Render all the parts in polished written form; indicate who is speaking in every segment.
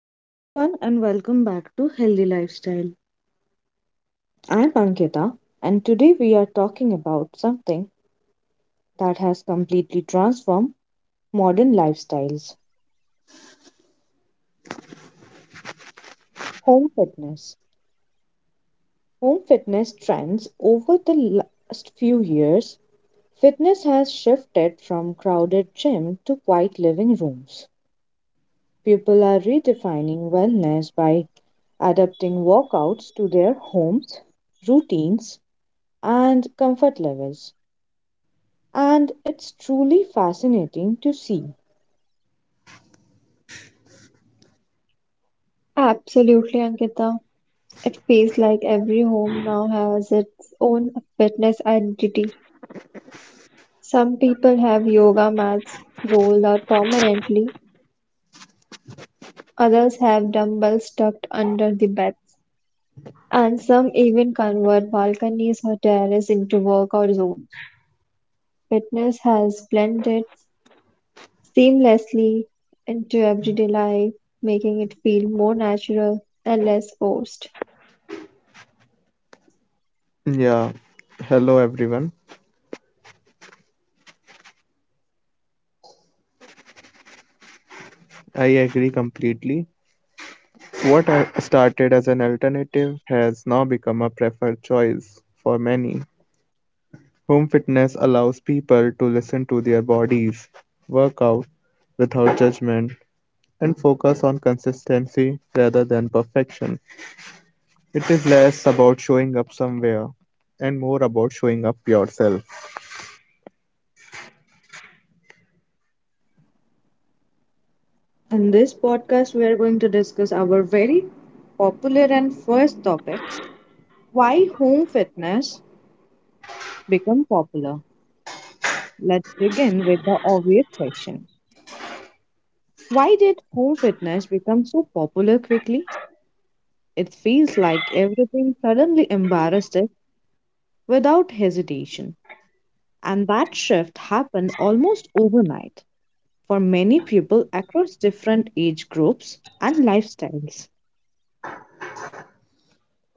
Speaker 1: Hello, everyone, and welcome back to Healthy Lifestyle. I'm Ankita, and today we are talking about something that has completely transformed modern lifestyles home fitness. Home fitness trends over the last few years, fitness has shifted from crowded gym to quiet living rooms. People are redefining wellness by adapting workouts to their homes, routines, and comfort levels. And it's truly fascinating to see.
Speaker 2: Absolutely, Ankita. It feels like every home now has its own fitness identity. Some people have yoga mats rolled out permanently, others have dumbbells tucked under the beds, and some even convert balconies or terraces into workout zones. Fitness has blended seamlessly into everyday life, making it feel more natural and less forced.
Speaker 3: Yeah, hello everyone. I agree completely. Started as an alternative has now become a preferred choice for many. Home fitness allows people to listen to their bodies, work out without judgment, and focus on consistency rather than perfection. It is less about showing up somewhere and more about showing up yourself.
Speaker 1: In this podcast, we are going to discuss our very popular and first topic why home fitness become popular. Let's begin with the obvious question. Why did home fitness become so popular quickly? It feels like everything suddenly embarrassed it without hesitation. And that shift happened almost overnight for many people across different age groups and lifestyles.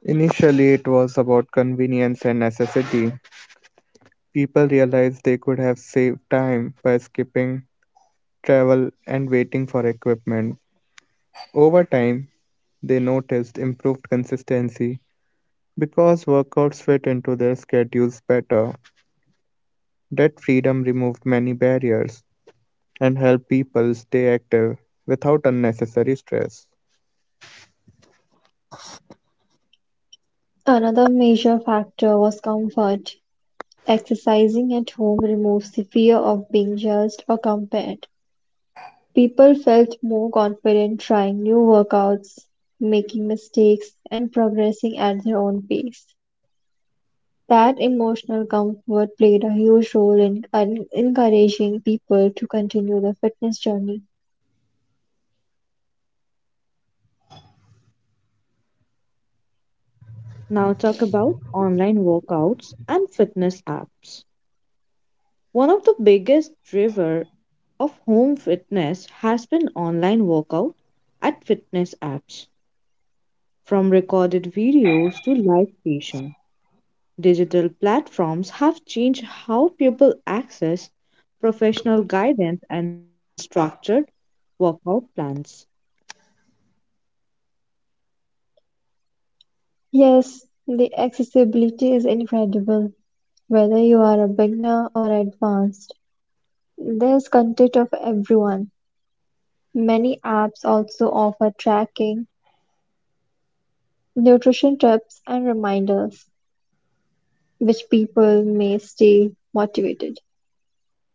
Speaker 3: Initially, it was about convenience and necessity. People realized they could have saved time by skipping travel and waiting for equipment. Over time, they noticed improved consistency because workouts fit into their schedules better. That freedom removed many barriers and helped people stay active without unnecessary stress.
Speaker 2: Another major factor was comfort. Exercising at home removes the fear of being judged or compared. People felt more confident trying new workouts, making mistakes, and progressing at their own pace. That emotional comfort played a huge role in encouraging people to continue their fitness journey.
Speaker 1: Now talk about online workouts and fitness apps. One of the biggest driver of home fitness has been online workout at fitness apps. From recorded videos to live session, digital platforms have changed how people access professional guidance and structured workout plans.
Speaker 2: Yes, the accessibility is incredible, whether you are a beginner or advanced. There's content of everyone. Many apps also offer tracking, nutrition tips and reminders, which people may stay motivated.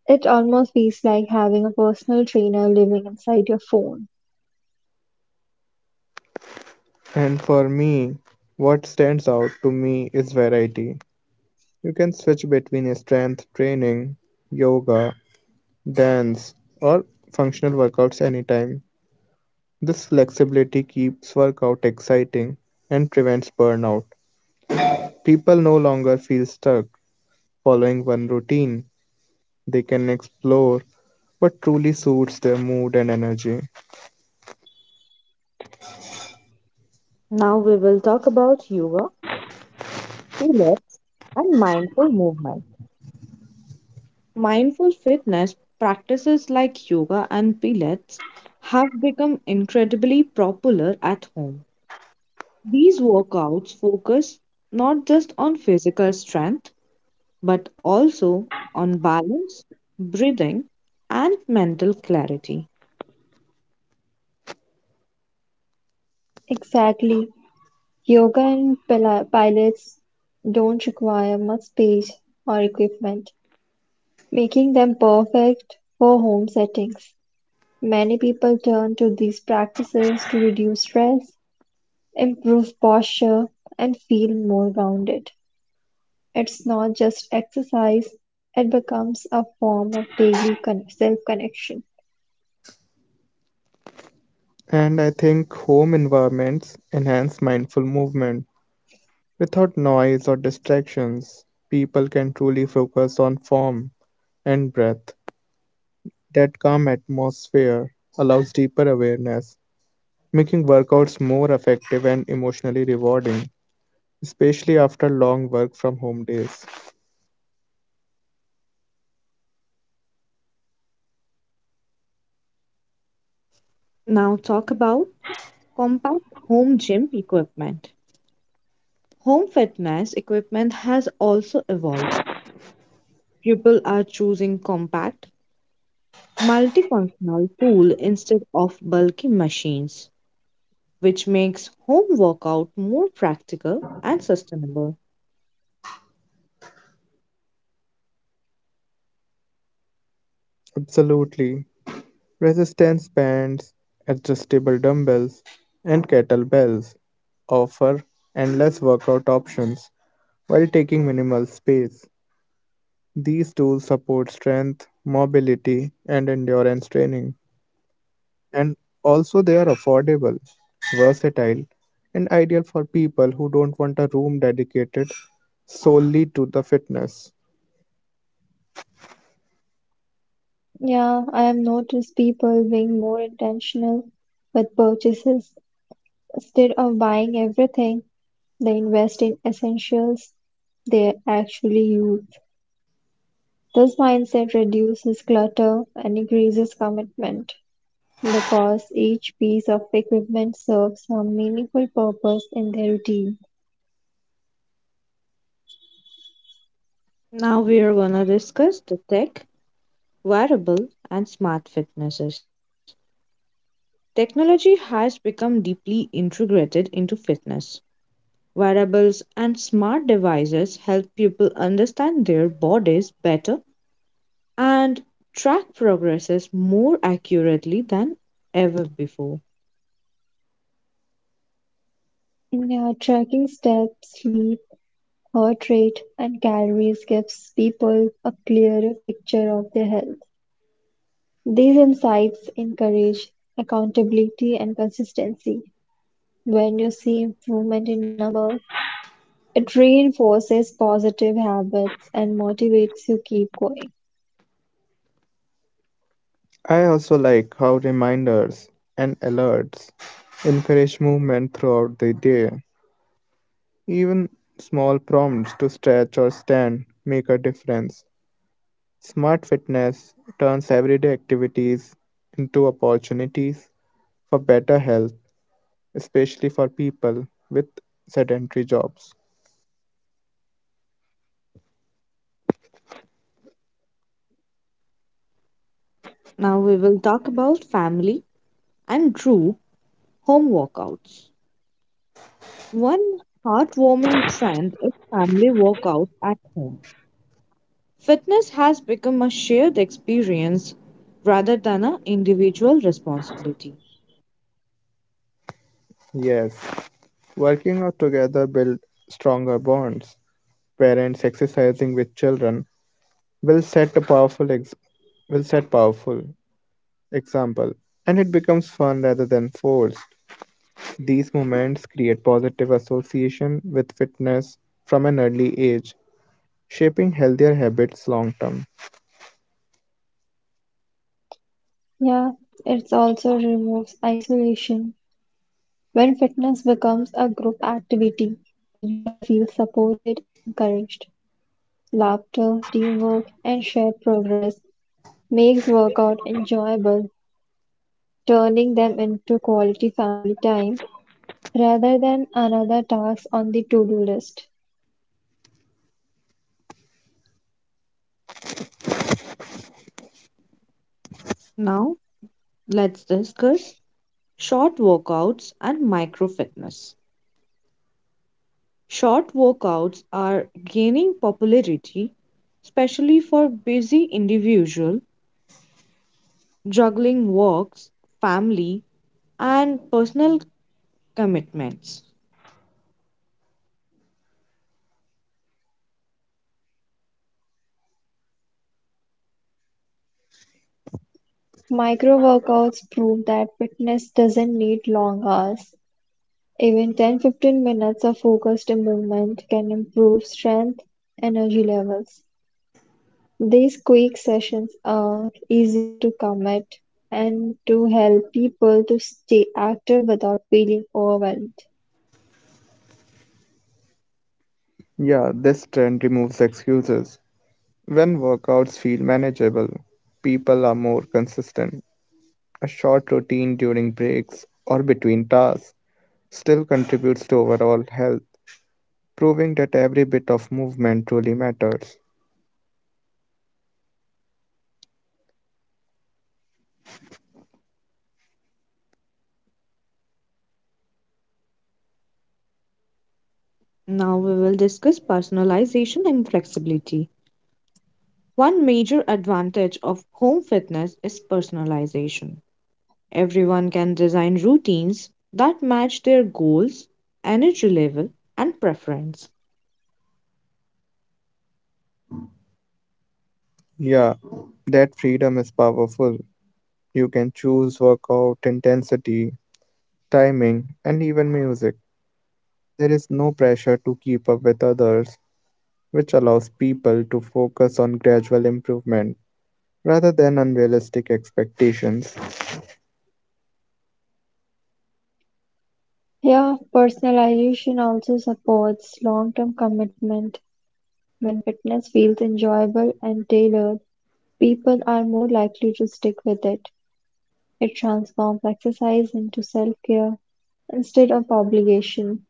Speaker 2: It almost feels like having a personal trainer living inside your phone.
Speaker 3: And for me, what stands out to me is variety. You can switch between strength training, yoga, dance, or functional workouts anytime. This flexibility keeps workout exciting and prevents burnout. People no longer feel stuck following one routine. They can explore what truly suits their mood and energy.
Speaker 1: Now we will talk about yoga, pilates, and mindful movement. Mindful fitness practices like yoga and pilates have become incredibly popular at home. These workouts focus not just on physical strength but also on balance, breathing, and mental clarity.
Speaker 2: Exactly. Yoga and pilates don't require much space or equipment, making them perfect for home settings. Many people turn to these practices to reduce stress, improve posture, and feel more grounded. It's not just exercise, it becomes a form of daily self connection.
Speaker 3: And I think home environments enhance mindful movement. Without noise or distractions, people can truly focus on form and breath. That calm atmosphere allows deeper awareness making workouts more effective and emotionally rewarding, especially after long work from home days.
Speaker 1: Now, talk about compact home gym equipment. Home fitness equipment has also evolved. People are choosing compact, multifunctional tool instead of bulky machines, which makes home workout more practical and sustainable.
Speaker 3: Absolutely. Resistance bands, adjustable dumbbells, and kettlebells offer endless workout options while taking minimal space. These tools support strength, mobility, and endurance training, and also they are affordable, versatile, and ideal for people who don't want a room dedicated solely to the fitness.
Speaker 2: Yeah, I have noticed people being more intentional with purchases. Instead of buying everything, they invest in essentials they actually use. This mindset reduces clutter and increases commitment because each piece of equipment serves some meaningful purpose in their routine.
Speaker 1: Now we are going to discuss the tech, wearable, and smart fitnesses. Technology has become deeply integrated into fitness. Wearables and smart devices help people understand their bodies better and track progresses more accurately than ever before.
Speaker 2: Yeah, tracking steps, sleep, heart rate and calories gives people a clearer picture of their health. These insights encourage accountability and consistency. When you see improvement in numbers, it reinforces positive habits and motivates you keep going.
Speaker 3: I also like how reminders and alerts encourage movement throughout the day. Even small prompts to stretch or stand make a difference. Smart fitness turns everyday activities into opportunities for better health, especially for people with sedentary jobs.
Speaker 1: Now we will talk about family and true home workouts. One heartwarming trend is family workouts at home. Fitness has become a shared experience rather than an individual responsibility.
Speaker 3: Yes, working out together build stronger bonds. Parents exercising with children will set a powerful ex- will set powerful example, and it becomes fun rather than forced. These moments create positive association with fitness from an early age, shaping healthier habits long term.
Speaker 2: Yeah, it also removes isolation. When fitness becomes a group activity, people feel supported and encouraged. Laughter, teamwork, and shared progress makes workout enjoyable, turning them into quality family time rather than another task on the to do list.
Speaker 1: Now, let's discuss short workouts and micro fitness. Short workouts are gaining popularity, especially for busy individuals juggling works, family, and personal commitments.
Speaker 2: Micro workouts prove that fitness doesn't need long hours. Even 10 15 minutes of focused movement can improve strength and energy levels. These quick sessions are easier to commit and to help people to stay active without feeling overwhelmed.
Speaker 3: Yeah, this trend removes excuses. When workouts feel manageable, people are more consistent. A short routine during breaks or between tasks still contributes to overall health, proving that every bit of movement truly matters.
Speaker 1: Now we will discuss personalization and flexibility. One major advantage of home fitness is personalization. Everyone can design routines that match their goals, energy level, and preference
Speaker 3: Yeah, that freedom is powerful. You can choose workout intensity, timing, and even music. There is no pressure to keep up with others, which allows people to focus on gradual improvement rather than unrealistic expectations.
Speaker 2: Yeah, personalization also supports long term commitment. When fitness feels enjoyable and tailored, people are more likely to stick with it. It transforms exercise into self care instead of obligation.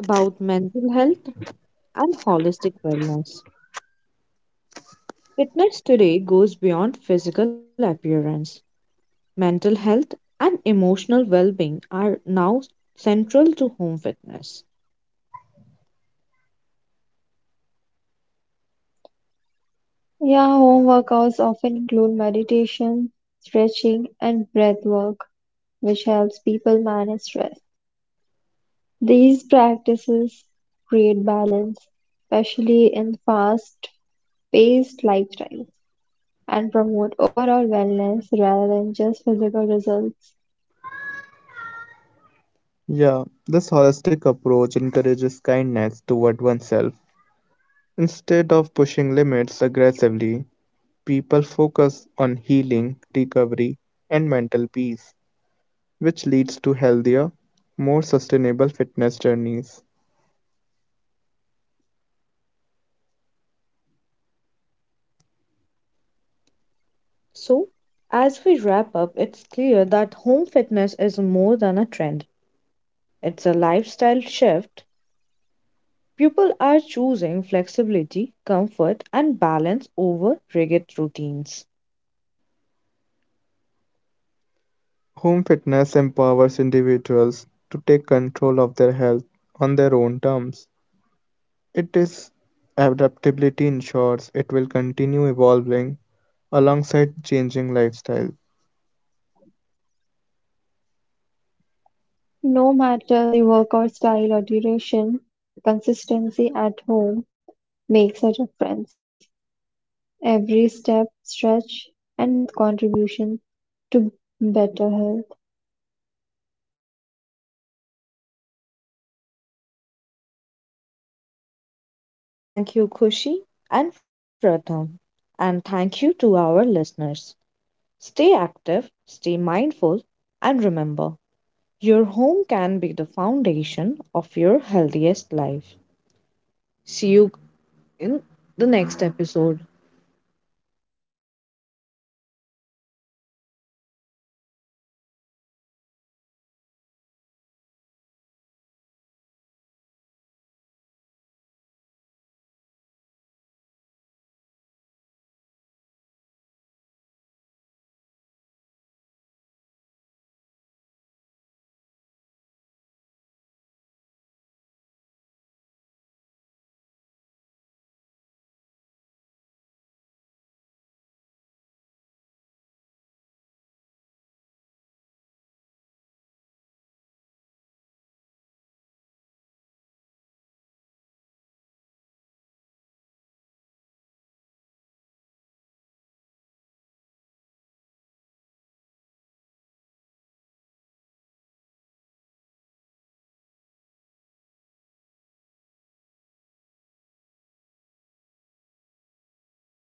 Speaker 1: about mental health and holistic wellness. Fitness today goes beyond physical appearance. Mental health and emotional well being are now central to home fitness.
Speaker 2: Yeah, home workouts often include meditation, stretching, and breath work, which helps people manage stress. These practices create balance, especially in fast paced lifestyles, and promote overall wellness rather than just physical results.
Speaker 3: Yeah, this holistic approach encourages kindness toward oneself. Instead of pushing limits aggressively, people focus on healing, recovery, and mental peace, which leads to healthier, more sustainable fitness journeys.
Speaker 1: So, as we wrap up, it's clear that home fitness is more than a trend. It's a lifestyle shift. People are choosing flexibility, comfort, and balance over rigid routines.
Speaker 3: Home fitness empowers individuals to take control of their health on their own terms. It is adaptability ensures it will continue evolving alongside changing lifestyle.
Speaker 2: No matter the workout style or duration, consistency at home makes a difference. Every step, stretch, and breath contribution to better health.
Speaker 1: Thank you, Kushi and Pratham. And thank you to our listeners. Stay active, stay mindful, and remember your home can be the foundation of your healthiest life. See you in the next episode.